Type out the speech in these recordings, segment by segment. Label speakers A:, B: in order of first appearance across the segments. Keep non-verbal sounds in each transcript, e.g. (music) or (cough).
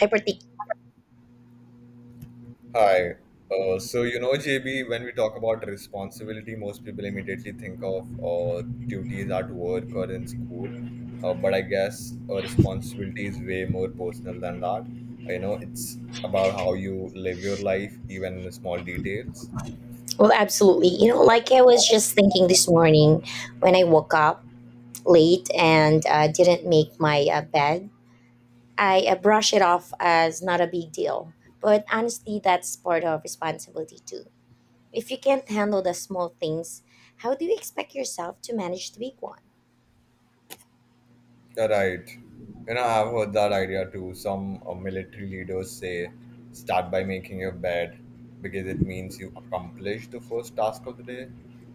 A: Hyperthick.
B: Hi. JB, when we talk about responsibility, most people immediately think of uh, duties at work or in school. But I guess a responsibility is way more personal than that. You know, it's about how you live your life, even in the small details.
A: Well, absolutely. You know, like I was just thinking this morning when I woke up late and didn't make my bed, I brush it off as not a big deal. But honestly, that's part of responsibility too. If you can't handle the small things, how do you expect yourself to manage the big one?
B: You're right. You know, I've heard that idea too. Some military leaders say start by making your bed because it means you accomplish the first task of the day.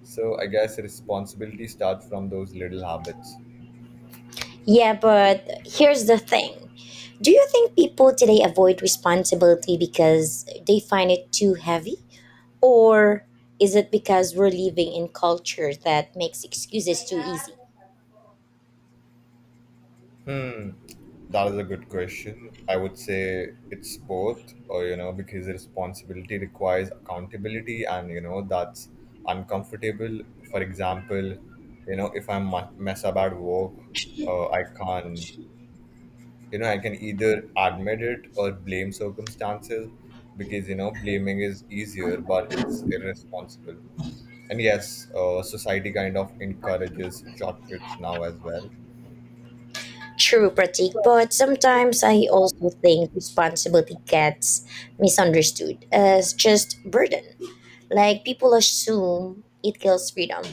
B: So I guess responsibility starts from those little habits.
A: Yeah, but here's the thing. Do you think people today avoid responsibility because they find it too heavy? Or is it because we're living in culture that makes excuses too easy?
B: Hmm, that is a good question. I would say it's both, or you know, because responsibility requires accountability, and you know, that's uncomfortable. For example, you know, if I mess up at work, I can't you know I can either admit it or blame circumstances, because you know blaming is easier but it's irresponsible. And yes, society kind of encourages shortcuts now as well.
A: True, Pratik, but sometimes I also think responsibility gets misunderstood as just burden. Like people assume it kills freedom.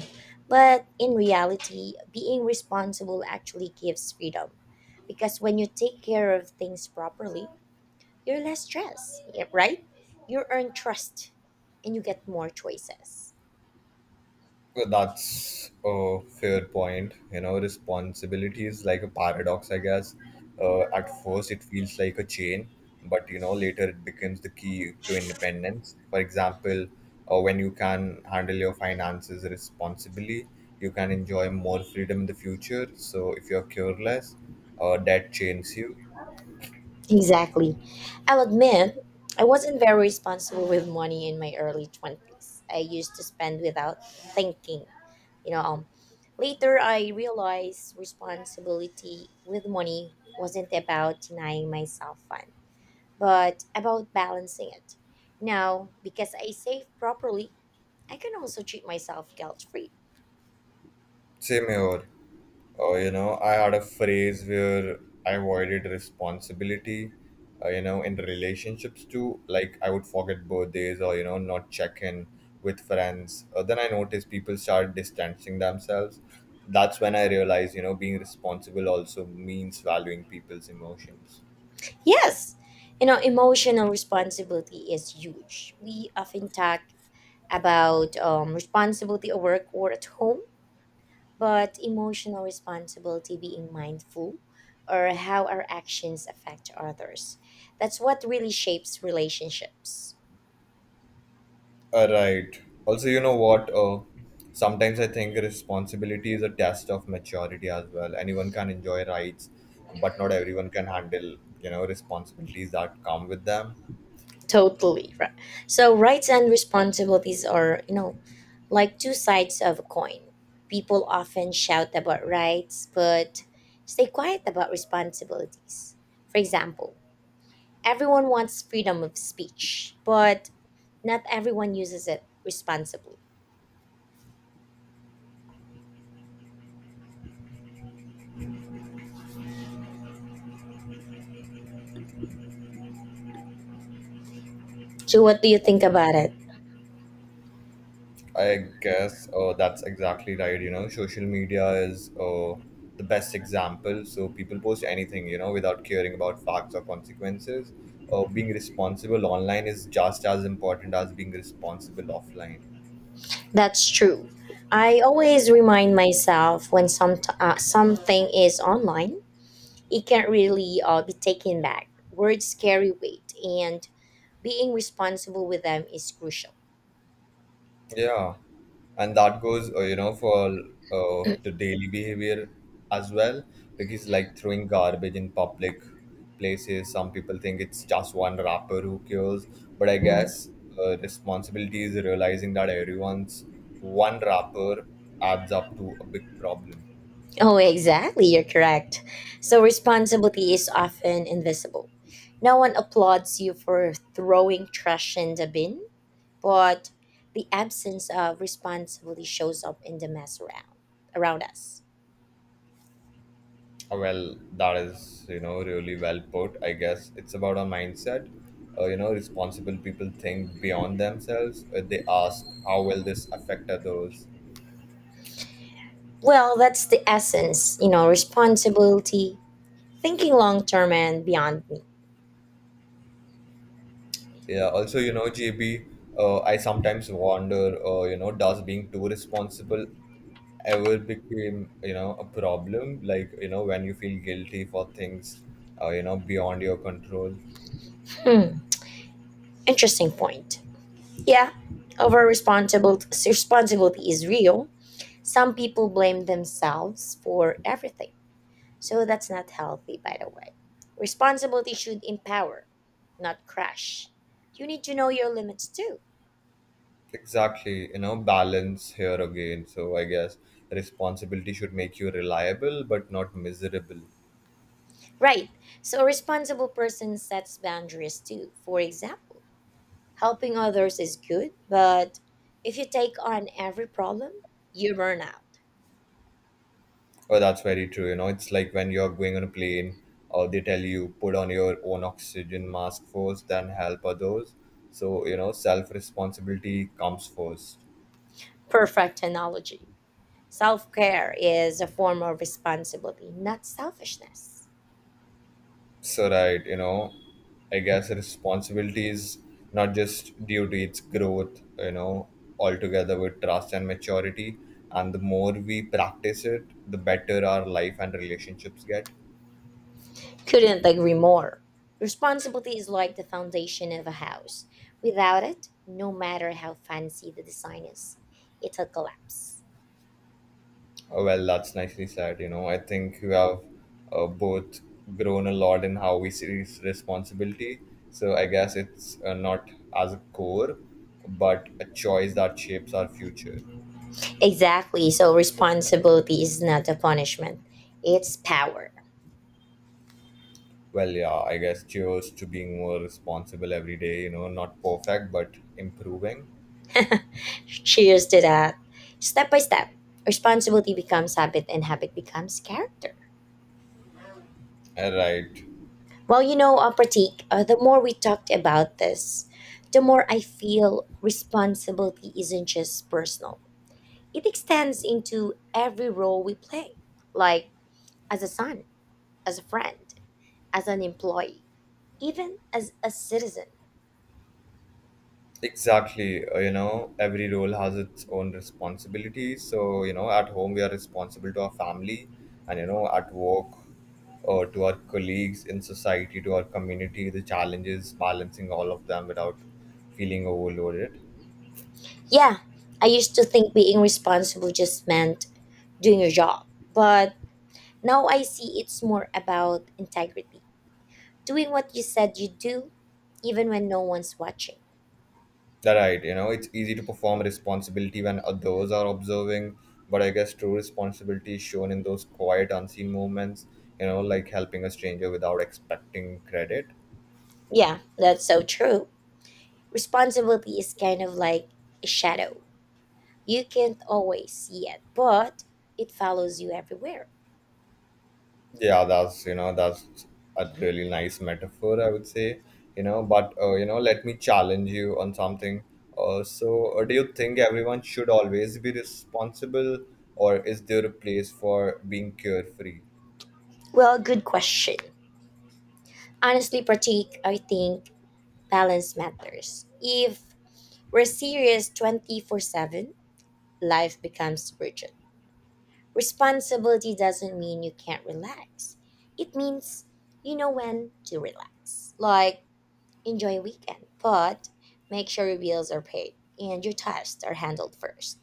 A: But in reality, being responsible actually gives freedom. Because when you take care of things properly, you're less stressed, yeah, right? You earn trust and you get more choices.
B: Well, that's a fair point. You know, responsibility is like a paradox, I guess. At first, it feels like a chain, but you know, later it becomes the key to independence. For example, when you can handle your finances responsibly, you can enjoy more freedom in the future. So, if you're careless, debt chains you.
A: Exactly. I'll admit, I wasn't very responsible with money in my early 20s. I used to spend without thinking. You know, um, Later I realized responsibility with money wasn't about denying myself fun, but about balancing it. Now, because I save properly, I can also treat myself guilt free.
B: Same here. Oh, you know, I had a phase where I avoided responsibility, you know, in relationships too. Like I would forget birthdays or, you know, not check in with friends. Then I noticed people start distancing themselves. That's when I realized, you know, being responsible also means valuing people's emotions.
A: Yes, you know, emotional responsibility is huge. We often talk about responsibility at work or at home, but emotional responsibility being mindful or how our actions affect others. That's what really shapes relationships.
B: Right. Also, you know what? Sometimes I think responsibility is a test of maturity as well. Anyone can enjoy rights, but not everyone can handle, you know, responsibilities that come with them.
A: Totally. Right. So rights and responsibilities are, you know, like two sides of a coin. People often shout about rights but stay quiet about responsibilities. For example, everyone wants freedom of speech, but not everyone uses it responsibly. So, what do you think about it?
B: I guess that's exactly right. You know, social media is, the best example. So people post anything, you know, without caring about facts or consequences. Being responsible online is just as important as being responsible offline.
A: That's true. I always remind myself when some something is online, it can't really be taken back. Words carry weight, and being responsible with them is crucial.
B: Yeah, and that goes, you know, for the daily behavior as well, because like throwing garbage in public places, some people think it's just one rapper who cares, but I
A: Mm.
B: guess responsibility is realizing that everyone's one rapper adds up to a big problem.
A: Oh, exactly. You're correct. So responsibility is often invisible. No one applauds you for throwing trash in the bin, but the absence of responsibility shows up in the mess around us.
B: Well, that is, you know, really well put. I guess it's about a mindset. You know, responsible people think beyond themselves. They ask, how will this affect others?
A: Well, that's the essence, you know, responsibility, thinking long term and beyond me.
B: Yeah, also, you know, JB, I sometimes wonder, you know, does being too responsible ever became, you know, a problem? Like, you know, when you feel guilty for things, you know, beyond your control.
A: Hmm, interesting point. Yeah, over responsibility is real. Some people blame themselves for everything. So that's not healthy, by the way. Responsibility should empower, not crush. You need to know your limits too.
B: Exactly, you know, balance here again. So I guess responsibility should make you reliable, but not miserable.
A: Right. So a responsible person sets boundaries too. For example, helping others is good, but if you take on every problem, you burn out.
B: Oh, that's very true. You know, it's like when you're going on a plane, or they tell you put on your own oxygen mask first, then help others. So, you know, self responsibility comes first.
A: Perfect analogy. Self care is a form of responsibility, not selfishness.
B: So, right, you know, I guess responsibility is not just duty, it's growth, you know, altogether with trust and maturity. And the more we practice it, the better our life and relationships get.
A: Couldn't agree more. Responsibility is like the foundation of a house. Without it, no matter how fancy the design is, it'll collapse.
B: Oh, well, that's nicely said. You know, I think you have both grown a lot in how we see this responsibility. So I guess it's not as a core, but a choice that shapes our future.
A: Exactly. So responsibility is not a punishment, it's power.
B: Well, yeah, I guess cheers to being more responsible every day. You know, not perfect, but improving.
A: Cheers to that. Step by step, responsibility becomes habit and habit becomes character.
B: Right.
A: Well, you know, Pratik, the more we talked about this, the more I feel responsibility isn't just personal. It extends into every role we play, like as a son, as a friend, as an employee, even as a citizen.
B: Exactly. You know, every role has its own responsibilities. So, you know, at home, we are responsible to our family, and, you know, at work, to our colleagues in society, to our community, the challenge is balancing all of them without feeling overloaded.
A: Yeah, I used to think being responsible just meant doing your job, but now I see it's more about integrity, doing what you said you'd do, even when no one's watching.
B: That right. You know, it's easy to perform responsibility when others are observing, but I guess true responsibility is shown in those quiet, unseen moments, you know, like helping a stranger without expecting credit.
A: Yeah, that's so true. Responsibility is kind of like a shadow. You can't always see it, but it follows you everywhere.
B: Yeah, that's you know that's a really nice metaphor, I would say. You know, but you know, let me challenge you on something. Do you think everyone should always be responsible, or is there a place for being carefree?
A: Well, good question. Honestly, Pratik, I think balance matters. If we're serious 24/7, life becomes rigid. Responsibility doesn't mean you can't relax. It means you know when to relax. Like, enjoy a weekend, but make sure your bills are paid and your tasks are handled first.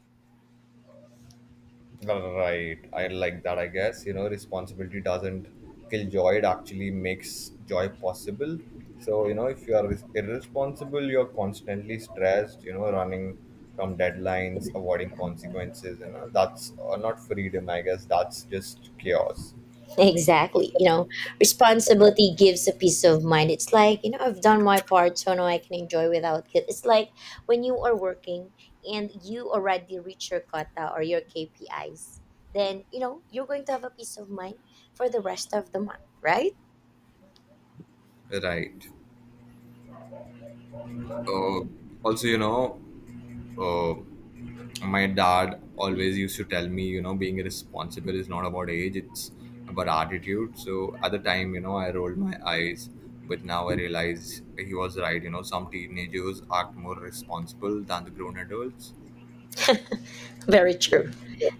B: Right. I like that, I guess. You know, responsibility doesn't kill joy, it actually makes joy possible. So, you know, if you are irresponsible, you're constantly stressed, you know, running from deadlines, avoiding consequences, you know, that's not freedom, I guess. That's just chaos.
A: Exactly. You know, responsibility gives a peace of mind. It's like, you know, I've done my part, so now I can enjoy without guilt. It's like when you are working and you already reach your quota or your KPIs, then, you know, you're going to have a peace of mind for the rest of the month, right?
B: Right. Uh, Also, you know, uh, my dad always used to tell me, you know, being responsible is not about age, it's about attitude. So at the time, you know, I rolled my eyes, but now I realize he was right. You know, some teenagers act more responsible than the grown adults.
A: Very true.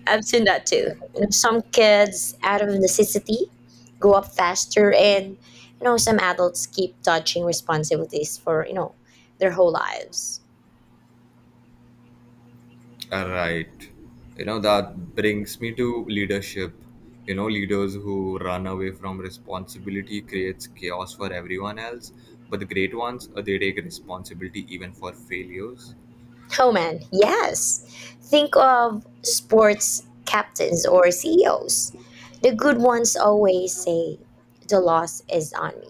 A: I've seen that too. You know, some kids, out of necessity, grow up faster, and you know, some adults keep dodging responsibilities for you know their whole lives.
B: Right. You know, that brings me to leadership. You know, leaders who run away from responsibility creates chaos for everyone else, but the great ones, they take responsibility even for failures.
A: Oh man, yes. Think of sports captains or CEOs. The good ones always say, "The loss is on me."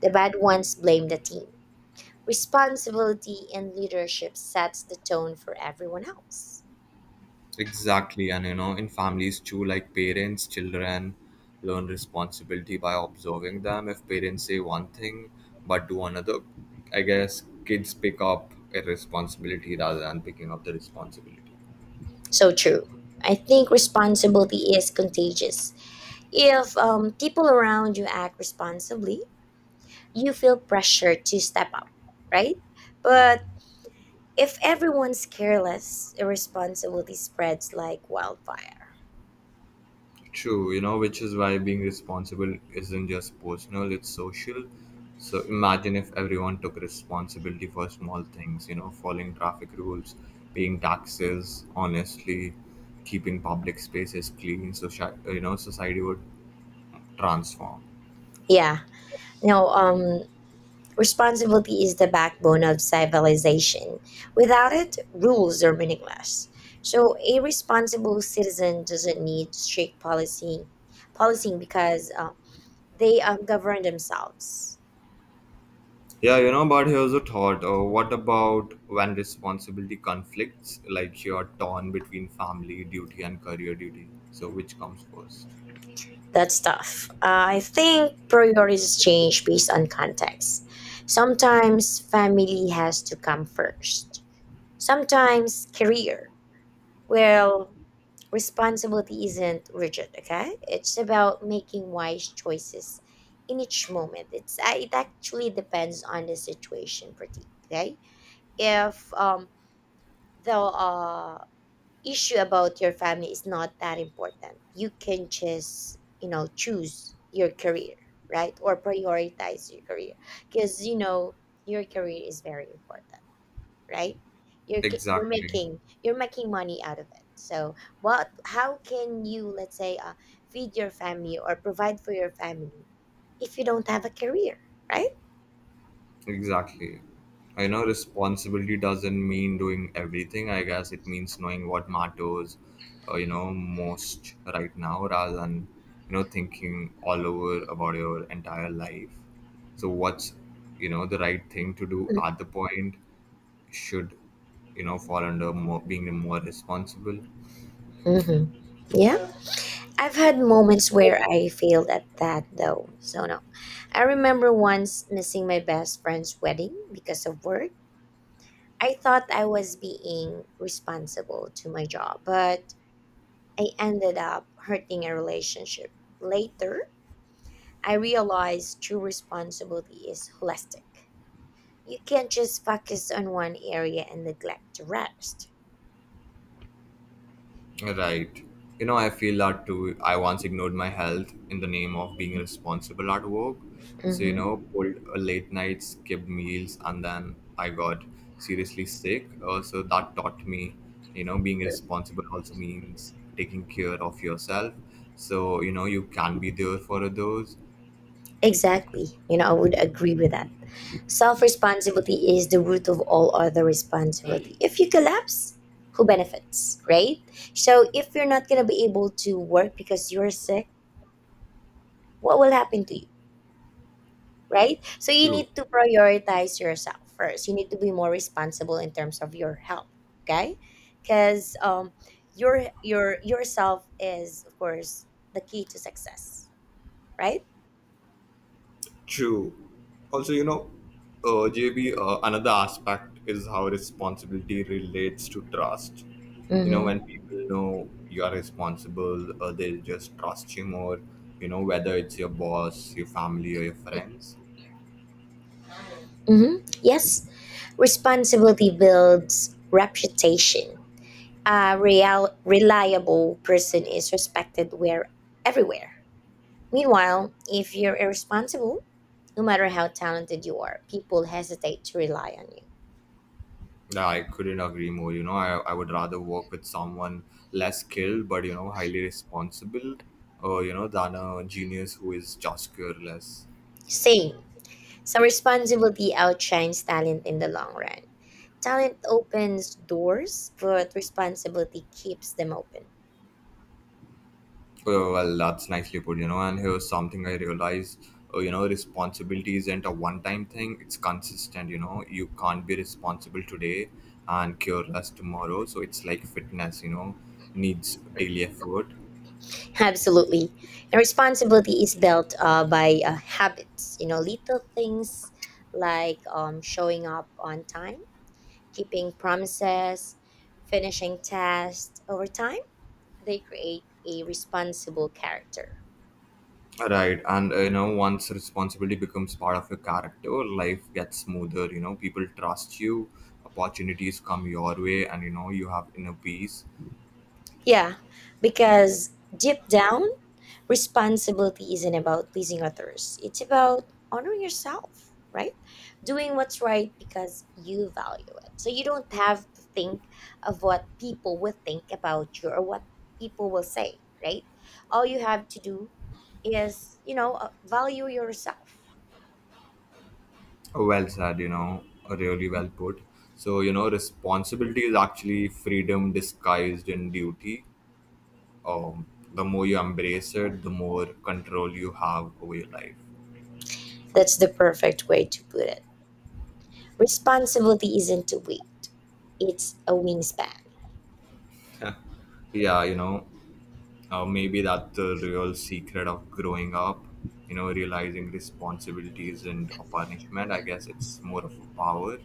A: The bad ones blame the team. Responsibility in leadership sets the tone for everyone else.
B: Exactly, and you know, in families too, like parents, children learn responsibility by observing them. If parents say one thing but do another, I guess kids pick up a responsibility rather than picking up the responsibility.
A: So true. I think responsibility is contagious. If people around you act responsibly, you feel pressure to step up, right? But if everyone's careless, irresponsibility spreads like wildfire.
B: True, you know, which is why being responsible isn't just personal, it's social. So imagine if everyone took responsibility for small things, you know, following traffic rules, paying taxes, honestly, keeping public spaces clean, so you know, society would transform.
A: Yeah. No, responsibility is the backbone of civilization. Without it, rules are meaningless. So a responsible citizen doesn't need strict policy policing because they govern themselves.
B: Yeah, you know, but here's a thought. What about when responsibility conflicts, like you're torn between family duty and career duty? So which comes first?
A: That's tough. I think priorities change based on context. Sometimes family has to come first. Sometimes career. Well, responsibility isn't rigid. Okay, it's about making wise choices in each moment. It actually depends on the situation, pretty. Okay, if the issue about your family is not that important. You can just, you know, choose your career, right? Or prioritize your career because you know your career is very important, right? You're
B: Exactly.
A: making you're making money out of it. So what? How can you let's say feed your family or provide for your family if you don't have a career, right?
B: Exactly. I know responsibility doesn't mean doing everything. I guess it means knowing what matters, you know, most right now, rather than you know thinking all over about your entire life. So what's, you know, the right thing to do at the point should, you know, fall under more, being more responsible.
A: Mm-hmm. Yeah. I've had moments where I failed at that though. So no. I remember once missing my best friend's wedding because of work. I thought I was being responsible to my job, but I ended up hurting a relationship. Later, I realized true responsibility is holistic. You can't just focus on one area and neglect the rest.
B: Right. You know, I feel that too. I once ignored my health in the name of being responsible at work. So, you know,
A: Hmm.
B: pulled a late night, skipped meals, and then I got seriously sick. So that taught me, you know, being responsible also means taking care of yourself. So, you know, you can be there for others
A: Exactly. You know, I would agree with that. Self responsibility is the root of all other responsibility. If you collapse, who benefits, right? So if you're not going to be able to work because you're sick, what will happen to you, right? So you
B: too.
A: need to prioritize yourself first. You need to be more responsible in terms of your health, okay? Because your yourself is of course the key to success, right?
B: True. Also, you know, JB, another aspect is how responsibility relates to trust. You know, when
A: Mm-hmm.
B: people know you are responsible, they'll just trust you more, you know, whether it's your boss, your family, or your friends.
A: Mm-hmm. Yes, responsibility builds reputation. A real reliable person is respected where everywhere. Meanwhile, if you're irresponsible, no matter how talented you are, people hesitate to rely on you.
B: Yeah, I couldn't agree more. You know, I would rather work with someone less skilled, but, you know, highly responsible, you know, than a genius who is just careless.
A: Same. So responsibility outshines talent in the long run. Talent opens doors, but responsibility keeps them open.
B: Oh, well, that's nicely put, you know. And here's something I realize, you know, responsibility isn't a one-time thing. It's consistent, you know. You can't be responsible today and careless tomorrow. So it's like fitness, you know, needs daily effort.
A: (laughs) Absolutely. And responsibility is built by habits, you know, little things like showing up on time, keeping promises, finishing tasks. Over time, they create a responsible character.
B: Right. And, you know, once responsibility becomes part of your character, life gets smoother, you know. People trust you, opportunities come your way, and, you know, you have inner peace.
A: Yeah, because deep down, responsibility isn't about pleasing others, it's about honoring yourself, right? Doing what's right because you value it. So you don't have to think of what people will think about you or what people will say, right? All you have to do is, you know, value yourself.
B: Well said, you know, really well put. So, you know, responsibility is actually freedom disguised in duty. Um, the more you embrace it, the more control you have over your life.
A: That's the perfect way to put it. Responsibility isn't a weight, it's a wingspan.
B: Yeah, you know, maybe that's the real secret of growing up, you know, realizing responsibility isn't a punishment. I guess it's more of a power.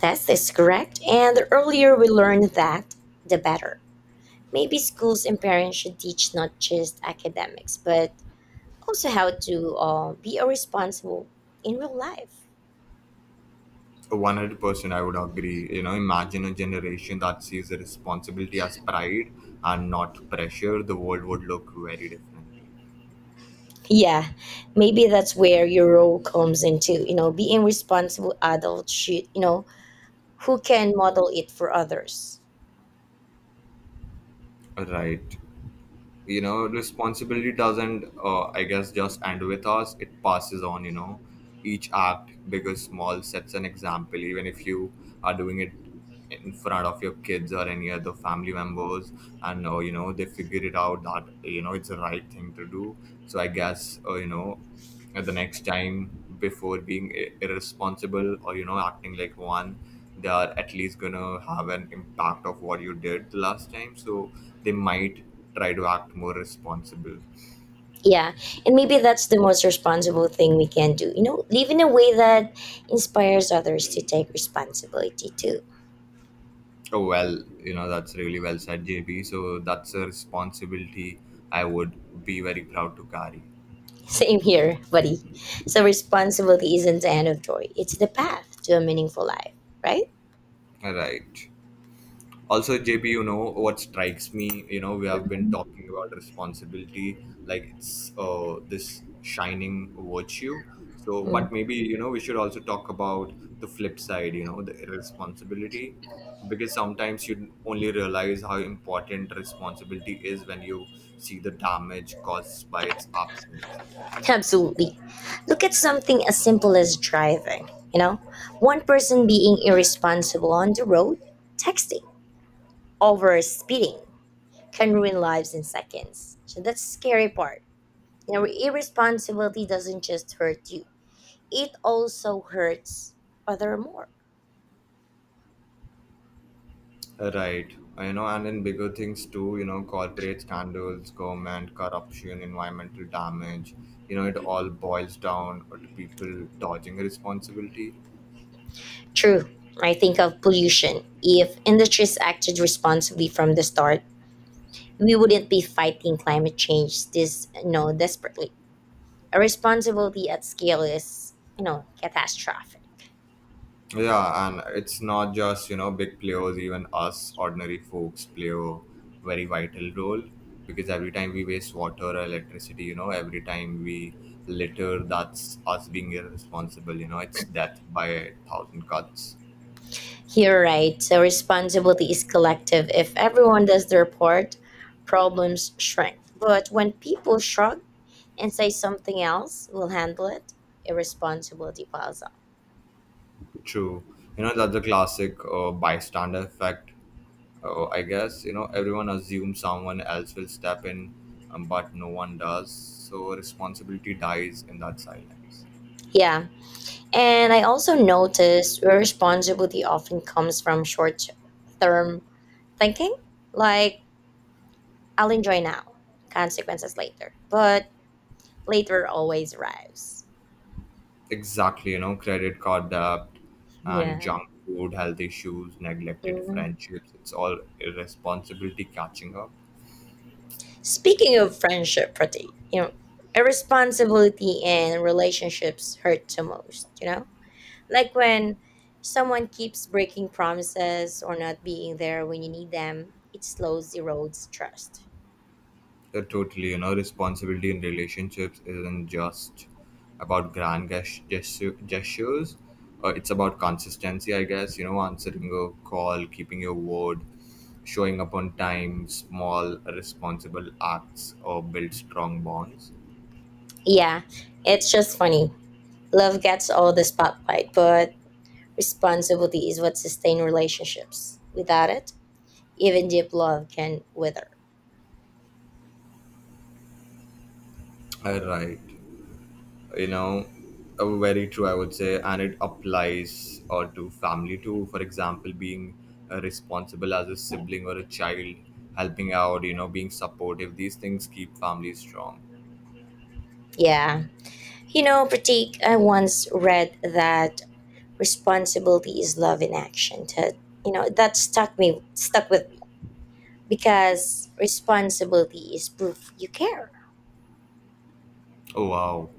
A: That is correct. And the earlier we learn that, the better. Maybe schools and parents should teach not just academics, but also how to be a responsible in real life.
B: 100% I would agree. You know, imagine a generation that sees the responsibility as pride and not pressure. The world would look very different.
A: Yeah, maybe that's where your role comes into, you know, being responsible adult should, you know, who can model it for others.
B: Right, you know, responsibility doesn't I guess just end with us, it passes on. You know, each act, big or small, sets an example, even if you are doing it in front of your kids or any other family members, and you know, they figure it out that, you know, it's the right thing to do. So I guess, you know, at the next time, before being irresponsible or, you know, acting like one, they are at least gonna have an impact of what you did the last time. So they might try to act more responsible.
A: Yeah, and maybe that's the most responsible thing we can do. You know, live in a way that inspires others to take responsibility too.
B: Oh well, you know, that's really well said, JB. So that's a responsibility I would be very proud to carry.
A: (laughs) Same here, buddy. So, responsibility isn't the end of joy, it's the path to a meaningful life, right?
B: All right. Also, JB, you know what strikes me, you know, we have been talking about responsibility like it's this shining virtue, so but
A: Mhm.
B: maybe, you know, we should also talk about the flip side, you know, the irresponsibility, because sometimes you only realize how important responsibility is when you see the damage caused by its absence.
A: Absolutely. Look at something as simple as driving. You know, one person being irresponsible on the road, texting, over speeding, can ruin lives in seconds. So, that's the scary part. Now, irresponsibility doesn't just hurt you, it also hurts other more.
B: Right. You know, and in bigger things too, you know, corporate scandals, government corruption, environmental damage, you know, it all boils down to people dodging responsibility.
A: True, I think of pollution. If industries acted responsibly from the start, we wouldn't be fighting climate change this you know desperately. Responsibility at scale is you know catastrophic.
B: Yeah, and it's not just, you know, big players, even us ordinary folks play a very vital role because every time we waste water or electricity, you know, every time we litter, that's us being irresponsible, you know, it's death by a thousand cuts.
A: You're right. So responsibility is collective. If everyone does their part, problems shrink. But when people shrug, and say something else will handle it, irresponsibility piles up.
B: True. You know, that's the classic bystander effect, I guess. You know, everyone assumes someone else will step in, but no one does. So responsibility dies in that silence.
A: Yeah, and I also noticed irresponsibility often comes from short term thinking, like I'll enjoy now, consequences later, but later always arrives.
B: Exactly. You know, credit card debt and
A: Yeah.
B: junk food, health issues, neglected
A: Mhm.
B: friendships. It's all irresponsibility catching up.
A: Speaking of friendship Pratik, you know irresponsibility in relationships hurt the most, you know. Like when someone keeps breaking promises or not being there when you need them, it slows erodes trust.
B: Totally, you know, responsibility in relationships isn't just about grand gestures. It's about consistency, I guess. You know, answering a call, keeping your word, showing up on time, small, responsible acts, or build strong bonds.
A: Yeah, it's just funny. Love gets all the spotlight, but responsibility is what sustains relationships. Without it, even deep love can wither.
B: All right. You know, very true, I would say, and it applies to family too. For example, being responsible as a sibling or a child, helping out, you know, being supportive, these things keep families strong.
A: Yeah. You know, Pratik, I once read that responsibility is love in action. That you know, that stuck with me because responsibility is proof you care.
B: Oh wow,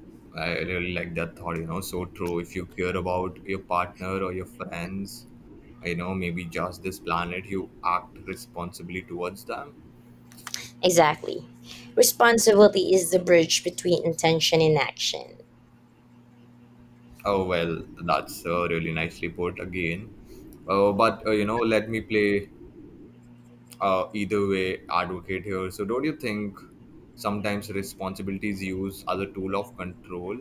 B: I really like that thought, you know. So true, if you care about your partner or your friends, you know, maybe just this planet, you act responsibly towards them.
A: Exactly. Responsibility is the bridge between intention and action.
B: Oh well, that's really nicely put again. But you know, let me play either way advocate here. So, don't you think sometimes responsibilities use as a tool of control?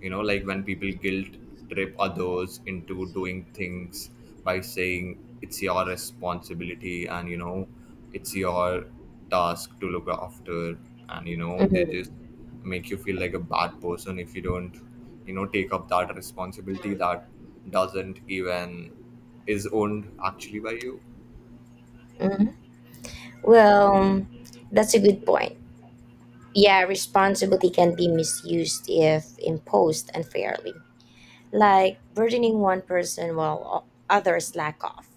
B: You know, like when people guilt trip others into doing things by saying it's your responsibility and, you know, it's your task to look after, and you know, they just
A: Mhm,
B: make you feel like a bad person if you don't, you know, take up that responsibility that doesn't even is owned actually by you.
A: mhm. Well, that's a good point. Yeah, responsibility can be misused if imposed unfairly, like burdening one person while o- others lack off.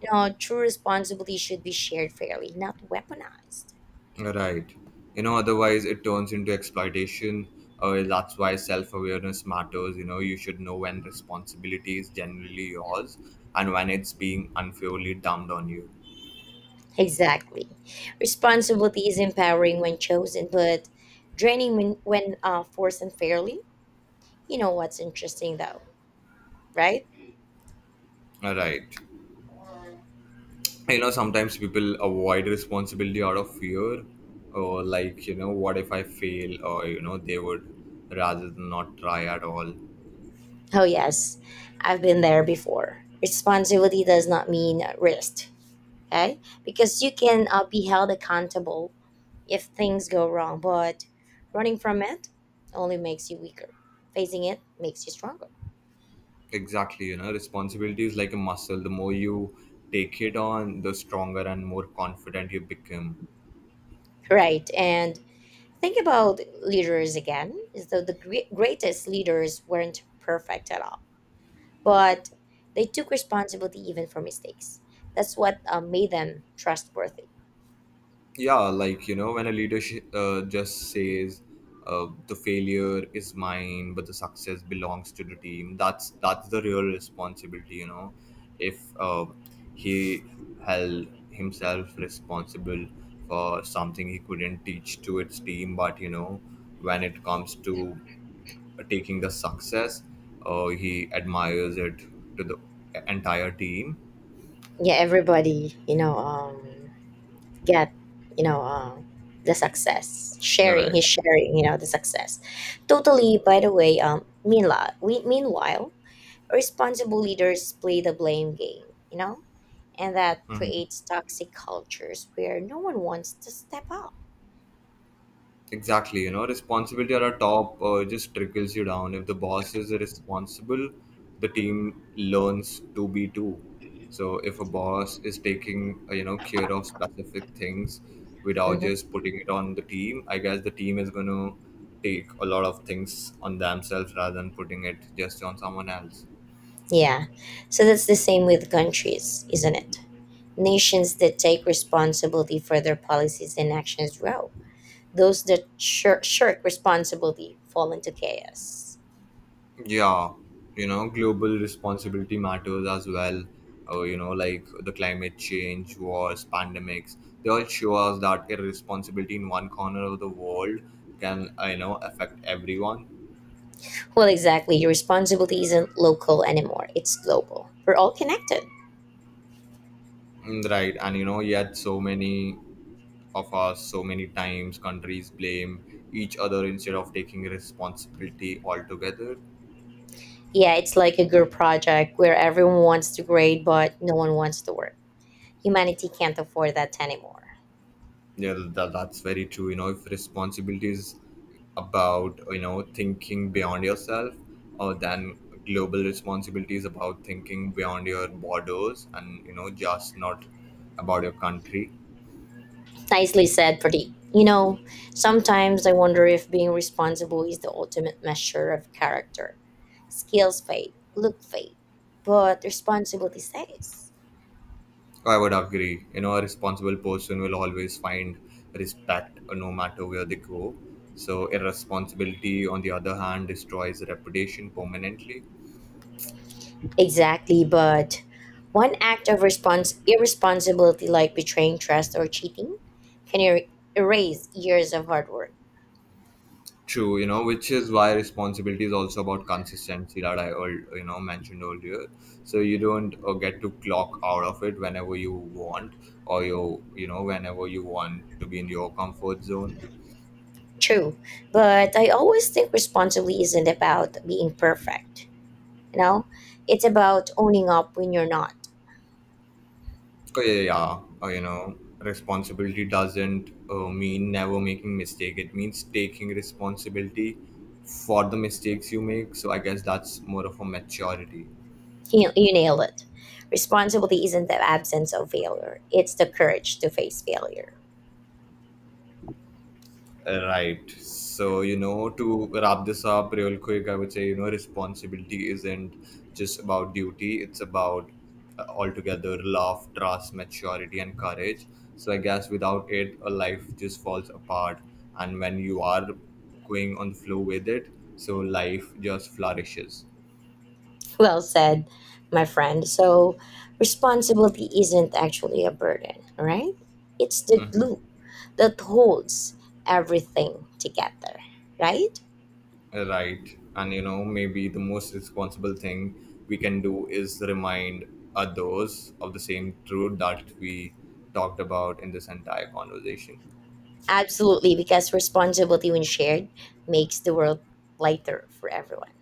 A: You know, true responsibility should be shared fairly, not weaponized.
B: Right. You know, otherwise it turns into exploitation. That's why self awareness matters. You know, you should know when responsibility is generally yours and when it's being unfairly dumped on you.
A: Exactly. Responsibility is empowering when chosen, but draining when forced unfairly. You know what's interesting, though, right?
B: Right. You know, sometimes people avoid responsibility out of fear or like, you know, what if I fail, or, you know, they would rather than not try at all.
A: Oh, yes, I've been there before. Responsibility does not mean risk, okay? Because you can be held accountable if things go wrong, but running from it only makes you weaker. Facing it makes you stronger.
B: Exactly. You know, responsibility is like a muscle. The more you take it on, the stronger and more confident you become.
A: Right, and think about leaders again. So the gre- greatest leaders weren't perfect at all, but they took responsibility even for mistakes. That's what made them trustworthy.
B: Yeah, like you know, when a leader just says the failure is mine but the success belongs to the team. That's the real responsibility, you know, if he held himself responsible for something he couldn't teach to its team. But you know, when it comes to taking the success, he admires it to the entire team.
A: Yeah everybody, you know, get you know uh, the success sharing,
B: Right.
A: he's sharing, you know, the success totally by the way. Meanwhile responsible leaders play the blame game, you know, and that creates toxic cultures where no one wants to step up.
B: Exactly, you know, responsibility at the top just trickles you down. If the boss is responsible, the team learns to be too. So if a boss is taking, you know, care of specific things without just
A: Hmm.
B: putting it on the team, I guess the team is going to take a lot of things on themselves rather than putting it just on someone else.
A: Yeah, so that's the same with countries, isn't it? Nations that take responsibility for their policies and actions grow, those that shirk responsibility fall into chaos.
B: Yeah, you know, global responsibility matters as well. You know, like the climate change, wars, pandemics, they all show us that irresponsibility in one corner of the world can, you know, affect everyone.
A: Well, exactly. Your responsibility isn't local anymore, it's global. We're all connected.
B: Mm, right. And, you know, yet so many of us, so many times, countries blame each other instead of taking responsibility altogether.
A: Yeah, it's like a group project where everyone wants to grade, but no one wants to work. Humanity can't afford that anymore.
B: Yeah, that's very true. You know, if responsibility is about, you know, thinking beyond yourself, or then global responsibility is about thinking beyond your borders and, you know, just not about your country.
A: Nicely said, Pradeep. You know, sometimes I wonder if being responsible is the ultimate measure of character. Skills fade, look fade, but responsibility stays.
B: I would agree. You know, a responsible person will always find respect no matter where they go. So, irresponsibility, on the other hand, destroys reputation permanently.
A: Exactly, but one act of respons- irresponsibility like betraying trust or cheating can erase years of hard work.
B: True, you know, which is why responsibility is also about consistency that I, you know, mentioned earlier. So you don't get to clock out of it whenever you want, or you know, whenever you want to be in your comfort zone.
A: True, but I always think responsibly isn't about being perfect. You know, it's about owning up when you're not.
B: So yeah, yeah, you know, responsibility doesn't mean never making mistake. It means taking responsibility for the mistakes you make. So I guess that's more of a maturity.
A: You nailed it. Responsibility isn't the absence of failure, it's the courage to face failure.
B: Right. So, you know, to wrap this up real quick, I would say, you know, responsibility isn't just about duty, it's about altogether love, trust, maturity, and courage. So, I guess without it, a life just falls apart. And when you are going on the flow with it, so life just flourishes.
A: Well said, my friend. So, responsibility isn't actually a burden, right? It's the glue that holds everything together, right?
B: Right. And you know, maybe the most responsible thing we can do is remind others of the same truth that we talked about in this entire conversation.
A: Absolutely, because responsibility when shared makes the world lighter for everyone.